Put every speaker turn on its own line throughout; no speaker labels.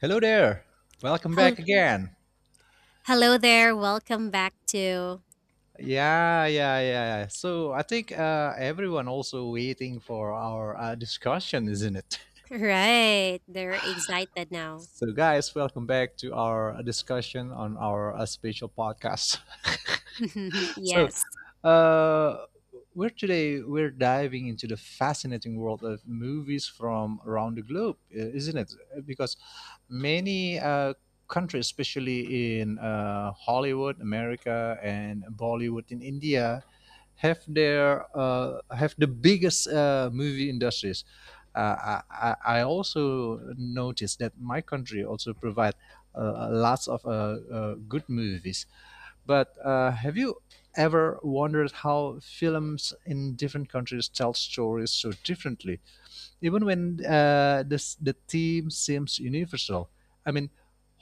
Hello there. Welcome
Hel-
back again.
Hello there. Welcome back to.
Yeah, yeah, yeah. So I think everyone also waiting for our discussion, isn't it?
Right. They're excited now.
So guys, welcome back to our discussion on our special podcast. So
yes.
uh, we're Today we're diving into the fascinating world of movies from around the globe, isn't it? Because many countries, especially in Hollywood, America, and Bollywood in India, have the biggest movie industries. I also noticed that my country also provide lots of good movies. But have you ever wondered how films in different countries tell stories so differently? Even when the theme seems universal. I mean,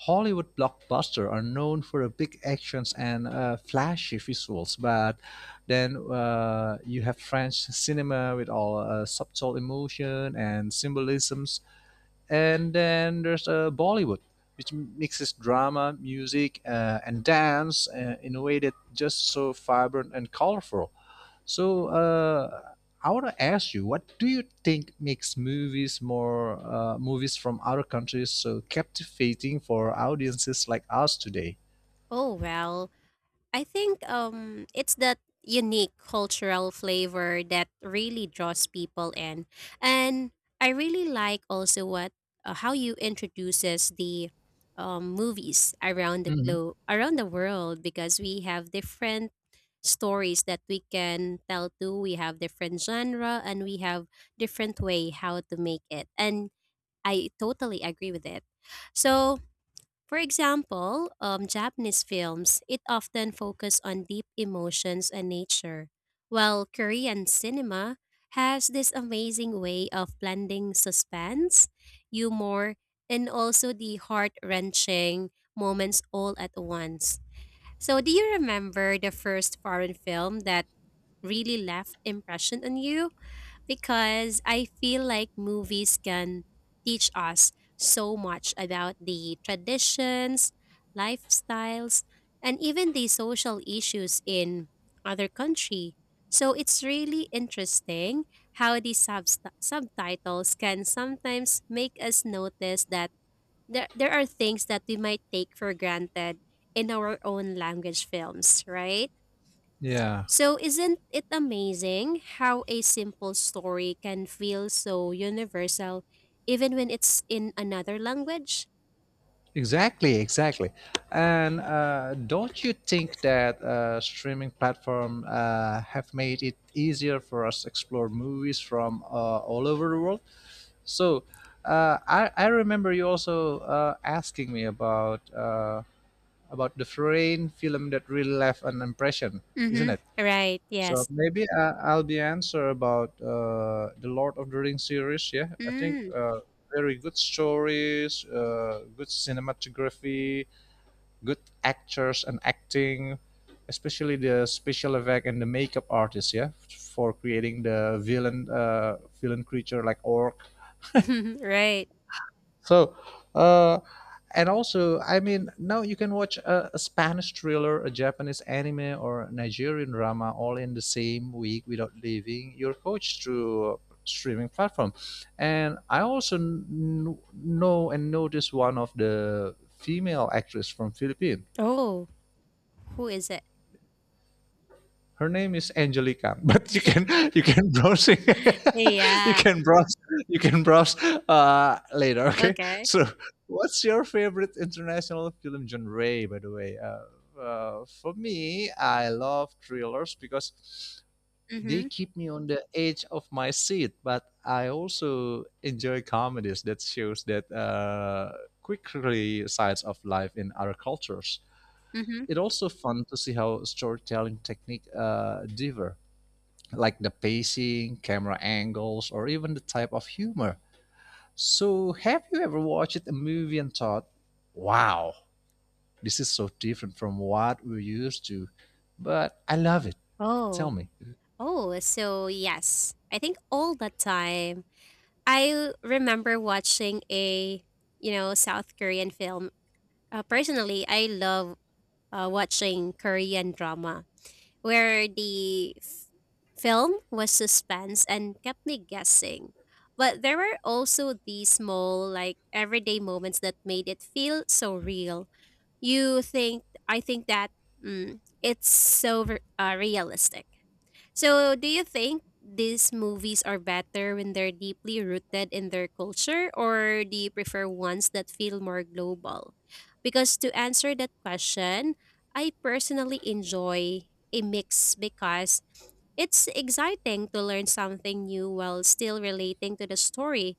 Hollywood blockbusters are known for the big actions and flashy visuals, but then you have French cinema with all subtle emotion and symbolism, and then there's Bollywood, which mixes drama, music, and dance in a way that just so vibrant and colorful. So uh, I want to ask you, what do you think makes movies from other countries so captivating for audiences like us today?
Oh, well, I think it's that unique cultural flavor that really draws people in. And I really like also what how you introduces the movies around the
Mhm.
globe around the world because we have different stories that we can tell too. We have different genre and we have different way how to make it. And I totally agree with it. So, for example, Japanese films, it often focus on deep emotions and nature, while Korean cinema has this amazing way of blending suspense, humor, and also the heart-wrenching moments all at once. So, do you remember the first foreign film that really left impression on you because I feel like movies can teach us so much about the traditions, lifestyles, and even the social issues in other country. So it's really interesting how the subtitles can sometimes make us notice that there are things that we might take for granted in our own language films, right?
Yeah.
So, isn't it amazing how a simple story can feel so universal even when it's in another language?
Exactly, exactly. And don't you think that streaming platform have made it easier for us to explore movies from all over the world? So I remember you also asking me about the foreign film that really left an impression, isn't
Mm-hmm.
it?
Right,
So
yes.
maybe I'll be answer about the Lord of the Rings series. Yeah, I think
Mm.
very good stories, good cinematography, good actors and acting, especially the special effect and the makeup artists, yeah, for creating the villain, creature like orc.
right.
So, uh, and also, I mean, now you can watch a Spanish thriller, a Japanese anime, or a Nigerian drama all in the same week without leaving your couch through streaming platform. And I also know and noticed one of the female actress from Philippines.
Oh, who is it?
Her name is Angelica, but you can, you can browse it. you
Yeah.
can browse you can browse later. Okay,
Okay.
so what's your favorite international film genre? By the way, for me, I love thrillers because they
Mm-hmm.
keep me on the edge of my seat. But I also enjoy comedies that shows that quickly sides of life in other cultures.
Mm-hmm.
It's also fun to see how storytelling technique differ, like the pacing, camera angles, or even the type of humor. So, have you ever watched a movie and thought, wow, this is so different from what we're used to, but I love it? Tell
Oh.
me.
Oh, so yes. I think all the time. I remember watching you know, South Korean film. Personally, I love watching Korean drama where the film was suspense and kept me guessing. But there were also these small, like everyday moments that made it feel so real. I think that it's so realistic. So, do you think these movies are better when they're deeply rooted in their culture, or do you prefer ones that feel more global? Because to answer that question, I personally enjoy a mix because it's exciting to learn something new while still relating to the story.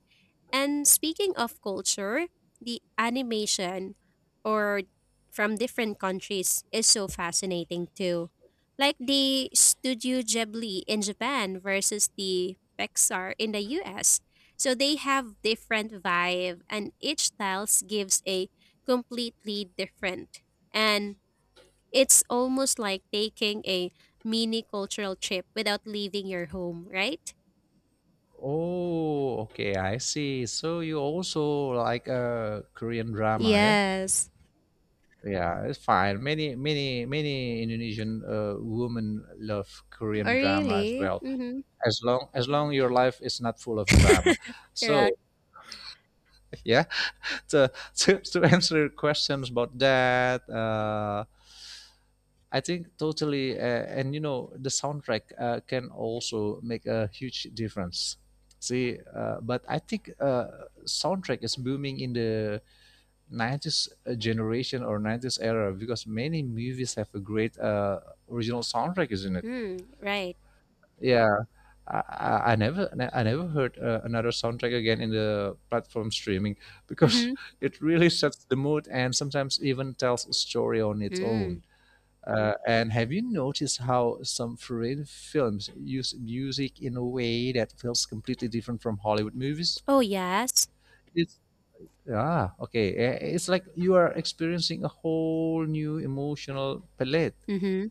And speaking of culture, the animation or from different countries is so fascinating too. Like the Studio Ghibli in Japan versus the Pixar in the US. So they have different vibe and each style gives a completely different. And it's almost like taking a mini cultural trip without leaving your home, right?
Oh, okay, I see. So you also like a Korean drama, yeah?
Yes.
Yeah, it's fine. Many, many, many Indonesian women love
Oh,
Korean drama as
really?
well.
Mhm.
As long your life is not full of drama,
Correct.
so yeah. to, to answer your questions about that. I think totally, and you know, the soundtrack can also make a huge difference. See, but I think soundtrack is booming in the 90s generation or 90s era because many movies have a great original soundtrack, isn't it?
Mm, right.
Yeah, I never heard another soundtrack again in the platform streaming because
Mm-hmm.
it really sets the mood and sometimes even tells a story on its
Mm.
own. And have you noticed how some foreign films use music in a way that feels completely different from Hollywood movies?
Oh, yes.
It's ah okay. Eh, It's like you are experiencing a whole new emotional palette.
Mm-hmm.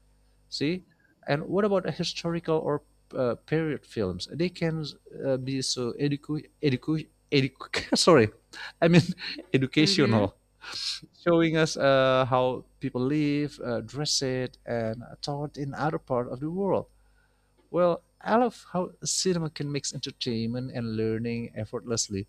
See, and what about historical or period films? They can be so educu educu edu sorry, I mean
Mm-hmm.
educational, showing us how people live, dress it, and thought in other part of the world. Well, I love how cinema can mix entertainment and learning effortlessly.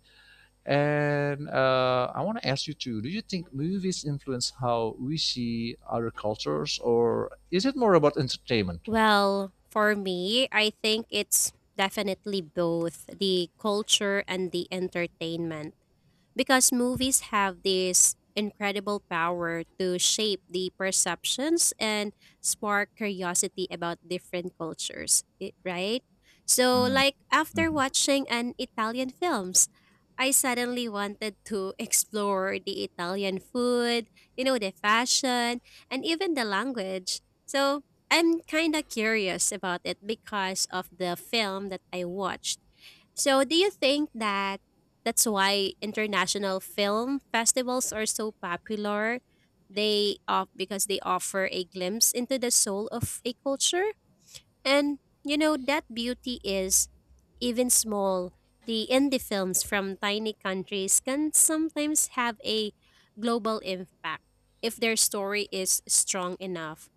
And I want to ask you too, do you think movies influence how we see other cultures, or is it more about entertainment?
Well, for me, I think it's definitely both the culture and the entertainment. Because movies have this incredible power to shape the perceptions and spark curiosity about different cultures, right? So,
Mm,
like after
mhm.
watching an Italian films, I suddenly wanted to explore the Italian food, you know, the fashion, and even the language. So, I'm kind of curious about it because of the film that I watched. So, do you think that that's why international film festivals are so popular. They off because they offer a glimpse into the soul of a culture. And you know that beauty is even small. The indie films from tiny countries can sometimes have a global impact if their story is strong enough.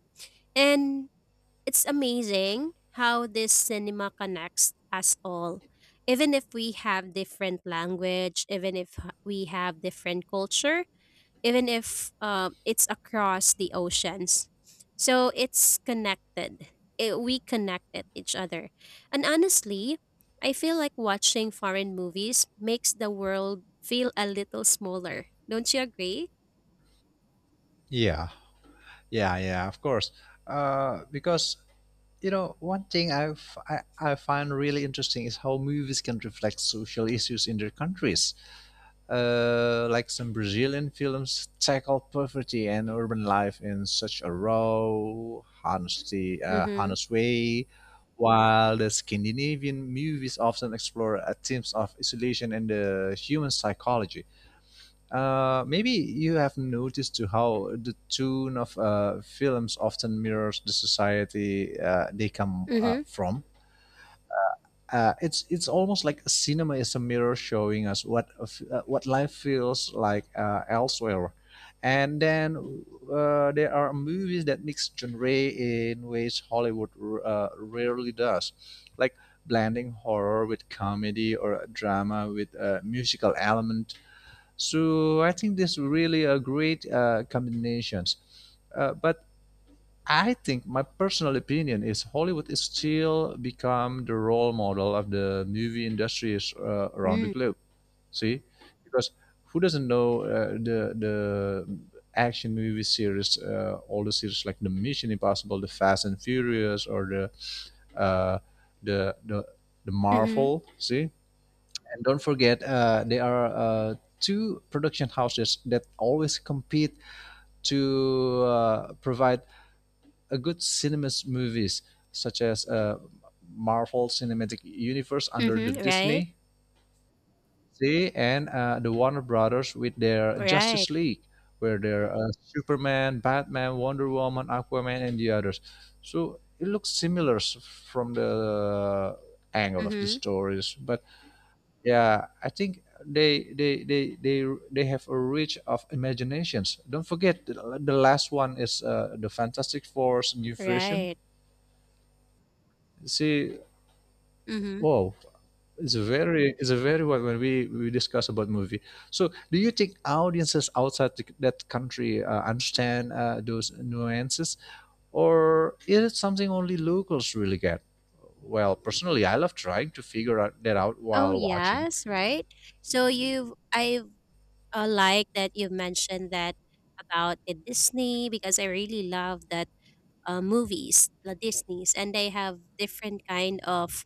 And it's amazing how this cinema connects us all. Even if we have different language, even if we have different culture, even if it's across the oceans. So it's connected. We connect at each other. And honestly, I feel like watching foreign movies makes the world feel a little smaller. Don't you agree?
Yeah, yeah, yeah, of course. Because you know, one thing I find really interesting is how movies can reflect social issues in their countries. Like some Brazilian films tackle poverty and urban life in such a raw,
Mm-hmm.
honest way, while the Scandinavian movies often explore themes of isolation and the human psychology. Maybe you have noticed too how the tone of films often mirrors the society they come
Mm-hmm.
from. It's almost like cinema is a mirror showing us what what life feels like elsewhere, and then there are movies that mix genre in ways Hollywood rarely does, like blending horror with comedy or drama with a musical element, so I think this really a great combinations. But I think my personal opinion is Hollywood is still become the role model of the movie industries around the globe. See, because who doesn't know the action movie series, all the series like the Mission Impossible, the Fast and Furious, or the uh, the the the
Mm-hmm.
Marvel. See, and don't forget, there are two production houses that always compete to provide a good cinemas movies, such as Marvel Cinematic Universe under the
Mm-hmm. Right?
Disney, see, and the Warner Brothers with their
Right.
Justice League, where there are Superman, Batman, Wonder Woman, Aquaman, and the others. So it looks similar from the angle of the
Mm-hmm.
stories, but yeah, I think they have a reach of imaginations. Don't forget the last one is the Fantastic Four's new version.
Right.
See,
Mm-hmm.
wow, it's a very wide when we discuss about movie. So, do you think audiences outside that country understand those nuances, or is it something only locals really get? Well, personally, I love trying to figure out that out
Oh
while watching.
yes, right. So you've I like that you mentioned that about the Disney because I really love that movies, the Disney's, and they have different kind of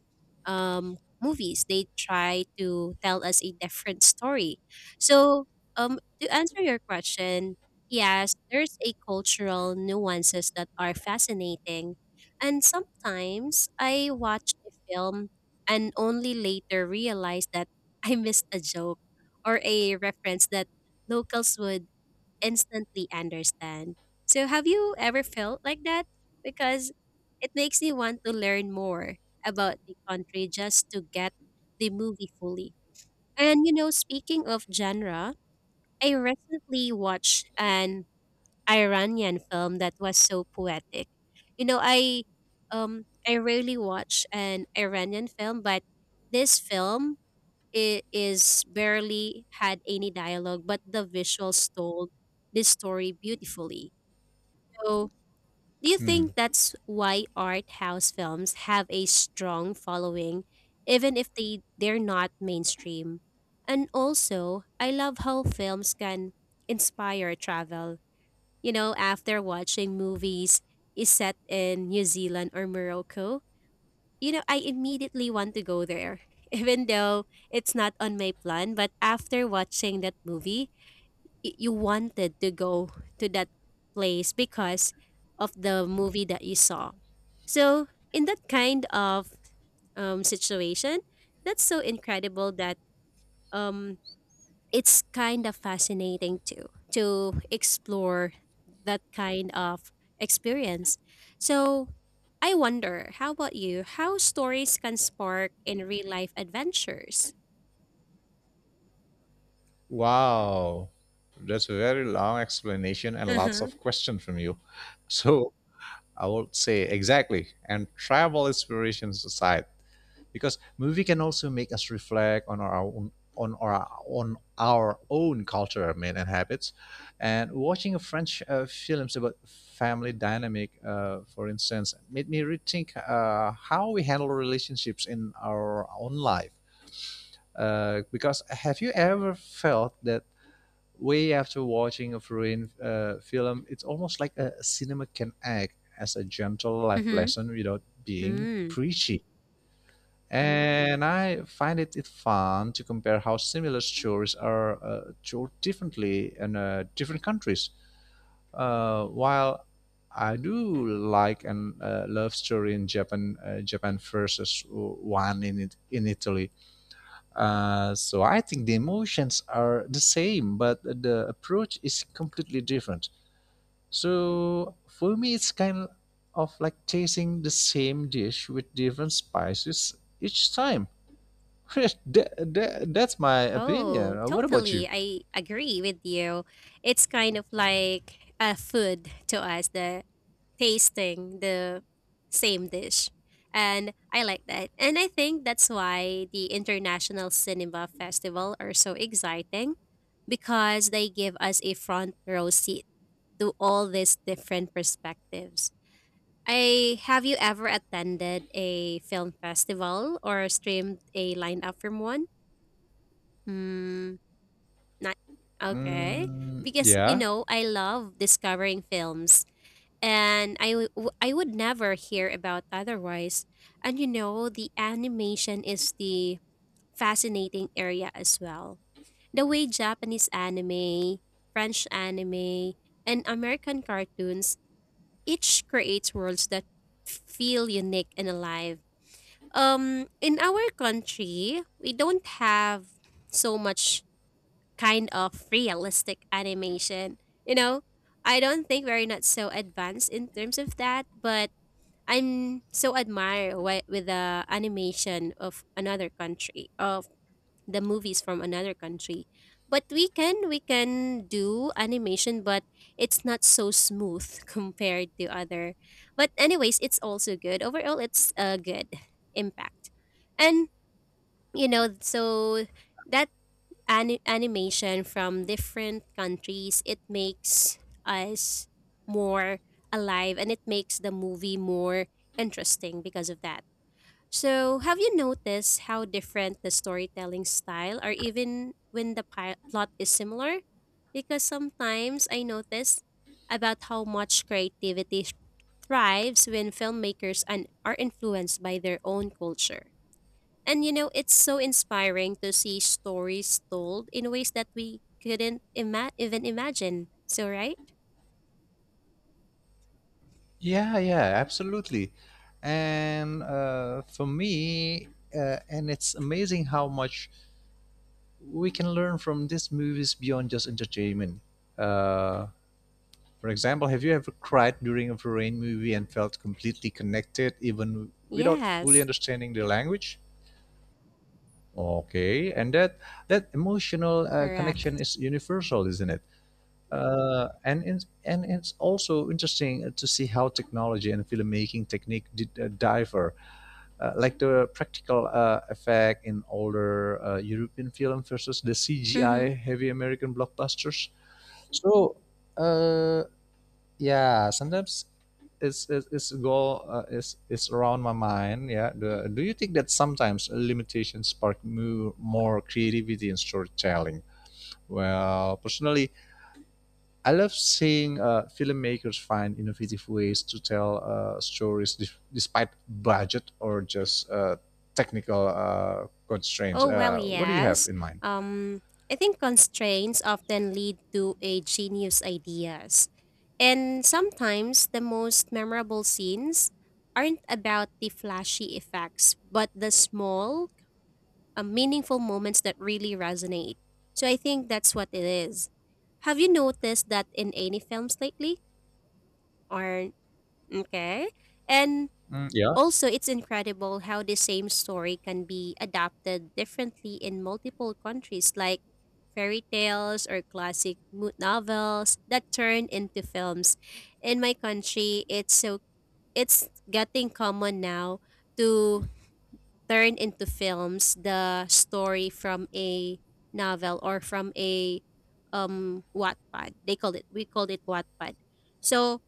movies. They try to tell us a different story. So, to answer your question, yes, there's a cultural nuances that are fascinating, and sometimes I watch a film and only later realize that I missed a joke or a reference that locals would instantly understand. So, have you ever felt like that? Because it makes me want to learn more about the country just to get the movie fully. And, you know, speaking of genre, I recently watched an Iranian film that was so poetic. You know, I I rarely watch an Iranian film, but this film it is barely had any dialogue, but the visuals told this story beautifully. So, do you think
Hmm.
that's why art house films have a strong following, even if they're not mainstream? And also, I love how films can inspire travel. You know, after watching movies is set in New Zealand or Morocco, you know, I immediately want to go there, even though it's not on my plan. But after watching that movie, you wanted to go to that place because of the movie that you saw. So, in that kind of situation, that's so incredible that um, it's kind of fascinating too to explore that kind of experience. So I wonder, how about you? How stories can spark in real life adventures?
Wow, that's a very long explanation and lots
Uh-huh.
of questions from you. So I would say exactly, and travel inspirations aside, because movie can also make us reflect on our own on our own culture, I mean, and habits. And watching a French films about family dynamic, for instance, made me rethink how we handle relationships in our own life. Because have you ever felt that way after watching a foreign film, it's almost like a cinema can act as a gentle life
Mm-hmm.
lesson without being
Mm.
preachy. And I find it fun to compare how similar stories are told differently in different countries. While I do like and love story in Japan, versus one in in Italy, so I think the emotions are the same, but the approach is completely different. So for me, it's kind of like tasting the same dish with different spices each time. that, that's my
Oh,
opinion. What about
totally.
you?
I agree with you. It's kind of like a food to us, the tasting the same dish. And I like that. And I think that's why the International Cinema Festival are so exciting because they give us a front row seat to all these different perspectives. I have you ever attended a film festival or streamed a lineup from one? Hmm. Not okay.
Mm,
Because you
yeah,
know, I love discovering films and I would never hear about otherwise. And you know, the animation is the fascinating area as well. The way Japanese anime, French anime, and American cartoons each creates worlds that feel unique and alive. In our country, we don't have so much kind of realistic animation. You know, I don't think we're not so advanced in terms of that, but I'm so admire with the animation of another country of the movies from another country. But we can do animation, but it's not so smooth compared to other. But anyways, it's also good. Overall, it's a good impact, and you know so that animation from different countries, it makes us more alive and it makes the movie more interesting because of that. So, have you noticed how different the storytelling style or even when the plot is similar? Because sometimes I notice about how much creativity thrives when filmmakers and are influenced by their own culture. And you know, it's so inspiring to see stories told in ways that we couldn't even imagine. So, right?
yeah, yeah, absolutely. And for me, and it's amazing how much we can learn from these movies beyond just entertainment. Uh, For example, have you ever cried during a foreign movie and felt completely connected even without fully
Yes,
understanding the language? Okay, and that emotional connection
correct.
is universal, isn't it? And it's also interesting to see how technology and filmmaking technique did, differ, like the practical effect in older European film versus the
Mm-hmm.
CGI heavy American blockbusters. So uh, yeah sometimes it's go it's around my mind, yeah, the, do you think that sometimes limitations spark more creativity and storytelling? Well, personally, I love seeing filmmakers find innovative ways to tell stories despite budget or just technical constraints.
Oh, well,
Uh, what do you have
yes.
in mind?
Um, I think constraints often lead to a genius ideas. And sometimes the most memorable scenes aren't about the flashy effects, but the small meaningful moments that really resonate. So I think that's what it is. Have you noticed that in any films lately? Or okay. And
Mm, yeah.
also it's incredible how the same story can be adapted differently in multiple countries like fairy tales or classic novels that turn into films. In my country, it's so it's getting common now to turn into films the story from a novel or from a Wattpad. They called it we called it Wattpad. So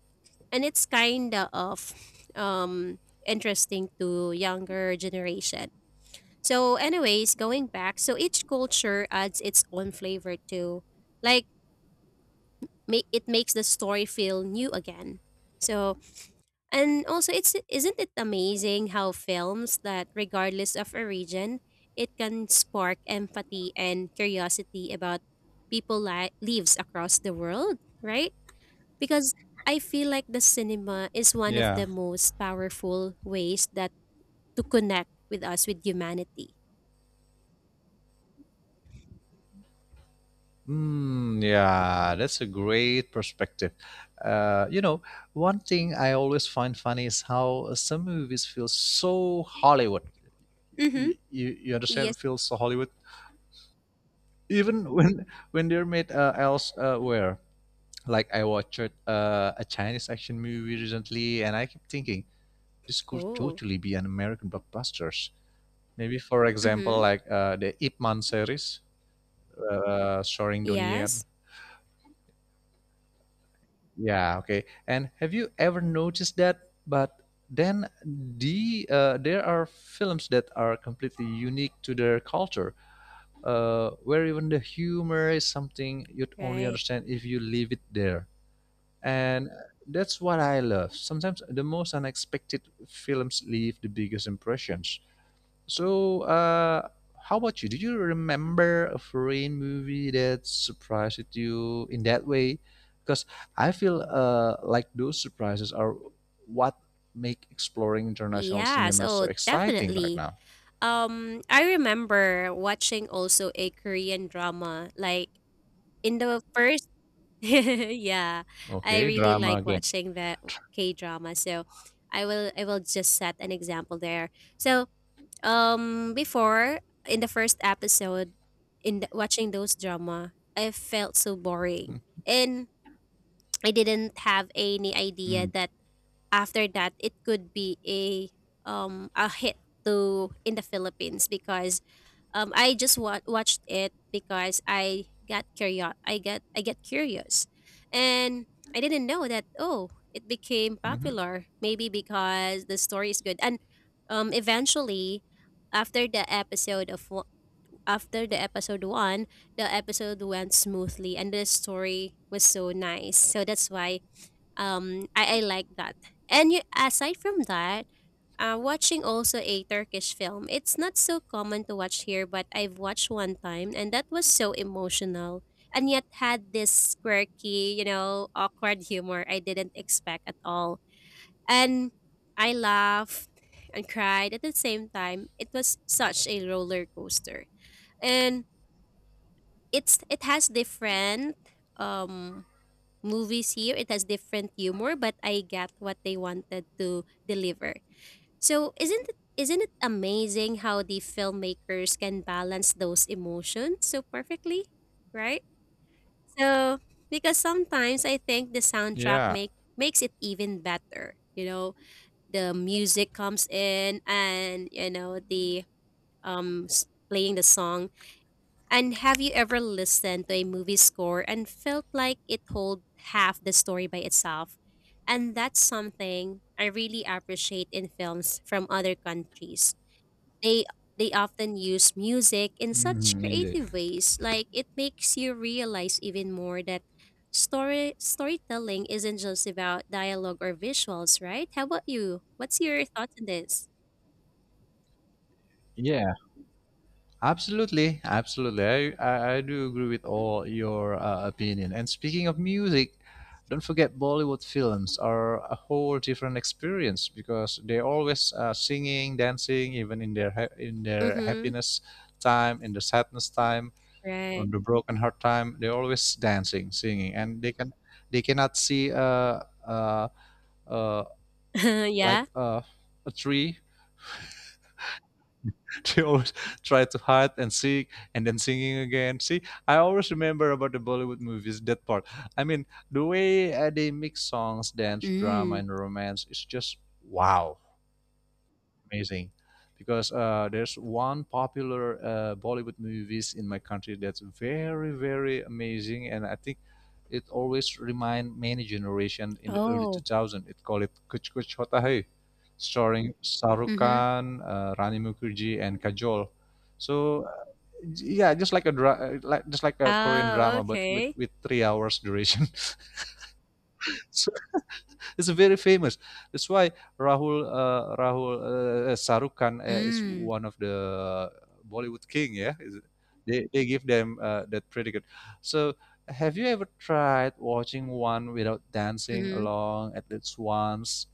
and it's kinda of um interesting to younger generation. So anyways, going back, so each culture adds its own flavor to like makes the story feel new again. So and also, it's isn't it amazing how films that, regardless of origin, it can spark empathy and curiosity about people lives across the world, right? Because I feel like the cinema is one of
Yeah.
the most powerful ways that to connect with us with humanity.
Mm, yeah, that's a great perspective. You know, one thing I always find funny is how some movies feel so Hollywood.
Mm-hmm.
You
Yes.
understand? Feel so Hollywood, even when they're made elsewhere. Like I watched a Chinese action movie recently, and I kept thinking this could
Oh.
totally be an American blockbusters. Maybe, for example,
Mm-hmm.
like the Ip Man series, starring Donnie Yen.
Yes.
Yeah, okay. And have you ever noticed that? But then there are films that are completely unique to their culture, where even the humor is something you'd only
Right.
understand if you leave it there. And that's what I love. Sometimes the most unexpected films leave the biggest impressions. So, how about you? Do you remember a foreign movie that surprised you in that way? Because I feel like those surprises are what make exploring international
Yes.
cinema so
Oh,
exciting right
definitely.
now.
I remember watching also a Korean drama. Like in the first yeah, I
Okay,
really like
drama.
watching the K drama. So I will just set an example there. So before in the first episode in the, watching those drama, I felt so boring and I didn't have any idea
Mm,
that after that it could be a hit to in the Philippines because I just watched it because I get curious and I didn't know that oh it became
mhm,
popular maybe because the story is good and eventually after the episode of wo- after the episode 1, the episode went smoothly and the story was so nice so that's why I like that and you, aside from that watching also a turkish film it's not so common to watch here but I've watched one time and that was so emotional and yet had this quirky you know awkward humor I didn't expect at all and I laughed and cried at the same time it was such a roller coaster and it has different um movies here. It has different humor, but I get what they wanted to deliver. So isn't it amazing how the filmmakers can balance those emotions so perfectly, right? So because sometimes I think the soundtrack makes it even better. You know, the music comes in and you know the playing the song and have you ever listened to a movie score and felt like it told half the story by itself? And that's something I really appreciate in films from other countries. They they often use music in such
mhm, indeed.
creative ways, like it makes you realize even more that storytelling isn't just about dialogue or visuals, right? How about you? What's your thoughts on this?
Yeah, absolutely, absolutely. I do agree with all your opinion. And speaking of music, don't forget Bollywood films are a whole different experience because they always singing, dancing, even in their
Mm-hmm.
happiness time, in the sadness time.
Right.
On the broken heart time, they're always dancing, singing, and they can they cannot see uh uh like
yeah.
a tree. They always try to hide and sing and then singing again. See, I always remember about the Bollywood movies, that part. i mean the way they mix songs, dance, drama,
Mm.
and romance is just wow, amazing. Because there's one popular Bollywood movies in my country that's very, very amazing, and I think it always remind many generation in the early
Oh.
2000. It called it Kuch Kuch Hota Hai, starring Shahrukh
Mm-hmm.
Khan, Rani Mukherjee, and Kajol. So yeah, just like a just like a Korean
Oh,
drama, but with
okay.
with 3 hours duration. So it's very famous. That's why Rahul Rahul Sarukan is
Mm,
one of the Bollywood king. Yeah. They give them that predicate. So, have you ever tried watching one without dancing
mhm,
along at least once?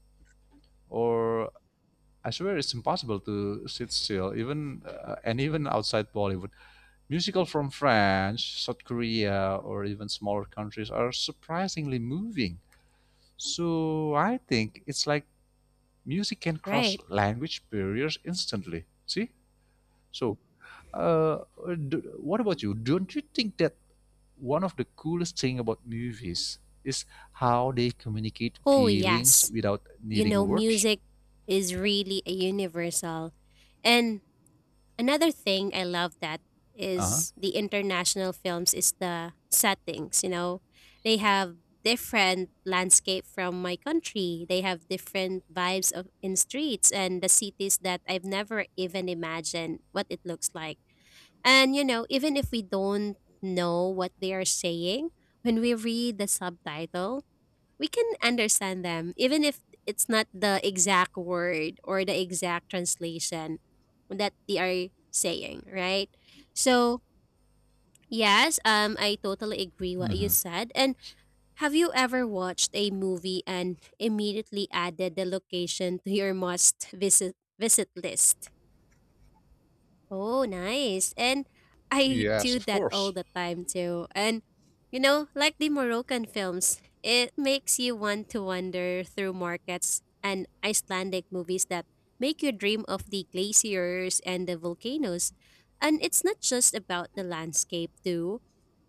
Or I swear it's impossible to sit still, even and even outside Bollywood. Musical from France, South Korea, or even smaller countries are surprisingly moving. So I think it's like music can cross
right.
language barriers instantly. See, so uh, d what about you? Don't you think that one of the coolest thing about movies is how they communicate
Oh,
feelings
yes.
without
You
needing
know,
words?
music is really a universal. And another thing I love that
Uh-huh.
is the international films is the settings, you know. They have different landscape from my country. They have different vibes of in streets and the cities that I've never even imagined what it looks like. And you know, even if we don't know what they are saying, when we read the subtitle, we can understand them, even if it's not the exact word or the exact translation that they are saying, right? So, yes, I totally agree what you
Hmm.
said. And have you ever watched a movie and immediately added the location to your must visit visit list? Oh, nice. And I
Yes,
do
of
that all
course.
the time too. And you know, like the Moroccan films, it makes you want to wander through markets and Icelandic movies that make you dream of the glaciers and the volcanoes. And it's not just about the landscape too.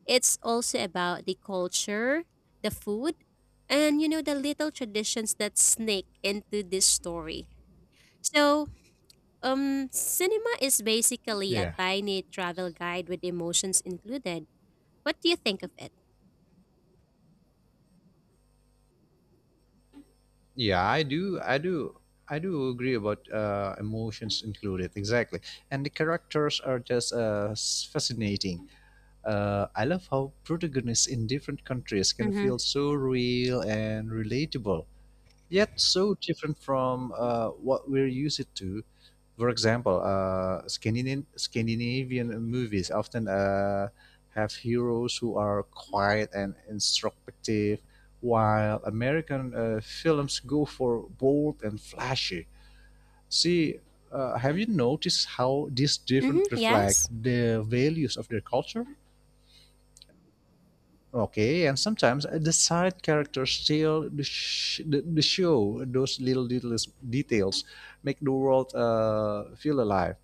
It's also about the culture, the food, and you know the little traditions that sneak into this story. So, cinema is basically a
Yeah.
tiny travel guide with emotions included. What do you think of it?
Yeah, I do. I do. I do agree about emotions included. Exactly, and the characters are just fascinating. I love how protagonists in different countries can
Mm-hmm.
feel so real and relatable, yet so different from what we're used to. For example, Scandinavian movies often have heroes who are quiet and introspective, while American films go for bold and flashy. See, have you noticed how these
Mm-hmm.
different reflect
Yes.
the values of their culture? Okay, and sometimes the side characters steal the show. Those little details make the world feel alive.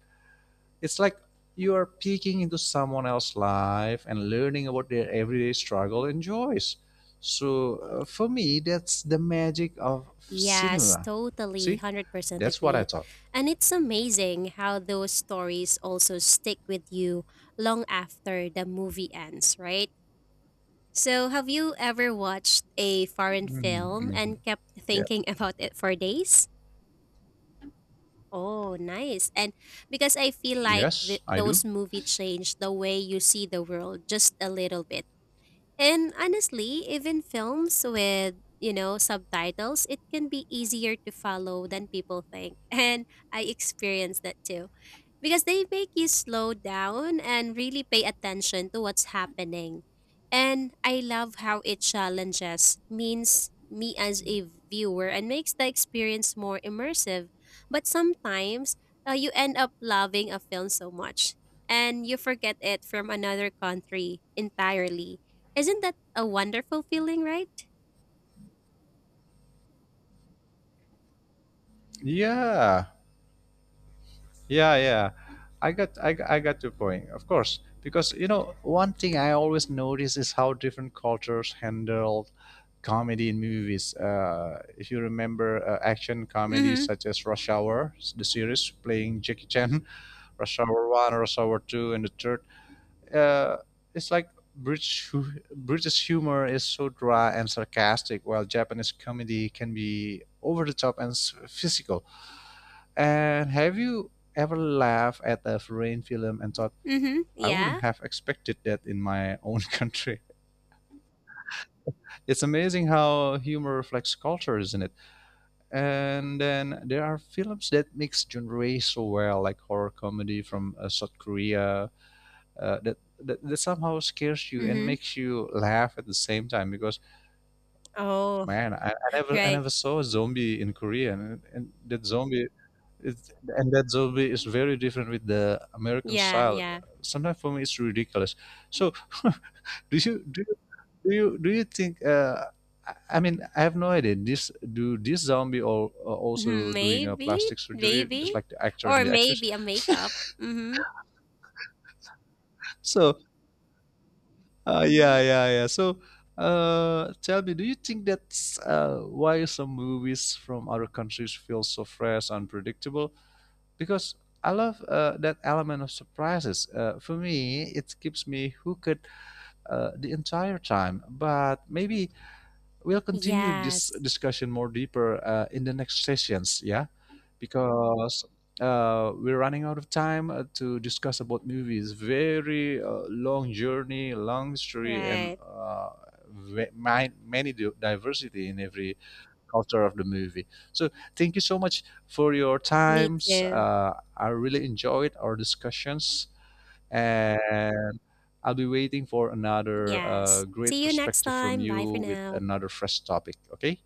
It's like you are peeking into someone else's life and learning about their everyday struggle and joys. So for me, that's the magic of
Yes,
cinema.
totally.
See,
100%
that's what I
agree.
thought.
And it's amazing how those stories also stick with you long after the movie ends, right? So, have you ever watched a foreign
Mhm.
film
Mhm.
and kept
Yeah.
thinking about it for days? Oh, nice. And because I feel like
Yes, I do.
those movies change the way you see the world just a little bit. And honestly, even films with, you know, subtitles, it can be easier to follow than people think. And I experienced that too. Because they make you slow down and really pay attention to what's happening. And I love how it challenges means me as a viewer and makes the experience more immersive. But sometimes you end up loving a film so much and you forget it from another country entirely isn't that a wonderful feeling, right?
Yeah. Yeah, yeah. I got your point. Of course, because you know, one thing I always notice is how different cultures handle comedy in movies. If you remember action comedies
Mhm,
such as Rush Hour, the series playing Jackie Chan, Rush Hour 1, Rush Hour 2, and the third, uh, it's like British humor is so dry and sarcastic, while Japanese comedy can be over the top and physical. And have you ever laughed at a foreign film and thought,
mhm,
I wouldn't
yeah,
have expected that in my own country? It's amazing how humor reflects culture, isn't it? And then there are films that mix genres so well, like horror comedy from South Korea, that somehow scares you and
mhm.
makes you laugh at the same time. Because
Oh,
man, I
right,
never saw a zombie in Korea, and that zombie. It's, and that zombie is very different with the American
yeah,
style.
yeah.
Sometimes for me it's ridiculous. So do you do you do you think? I mean, I have no idea. This do this zombie all,
Mhm,
also doing a
maybe,
plastic surgery, just
maybe,
like the actor and
or
the actress.
maybe a makeup, mhm.
So yeah. So tell me, do you think that's why some movies from other countries feel so fresh, unpredictable? Because I love that element of surprises. For me, it keeps me hooked the entire time. But maybe we'll continue this
Yes,
discussion more deeper in the next sessions, yeah? Because we're running out of time to discuss about movies. Very long journey, long story, and
right,
many diversity in every culture of the movie. So thank you so much for your
me
times.
too.
I really enjoyed our discussions, and I'll be waiting for another
Yes.
great
See you next
perspective from
time, bye for
you with
now.
another fresh topic. Okay.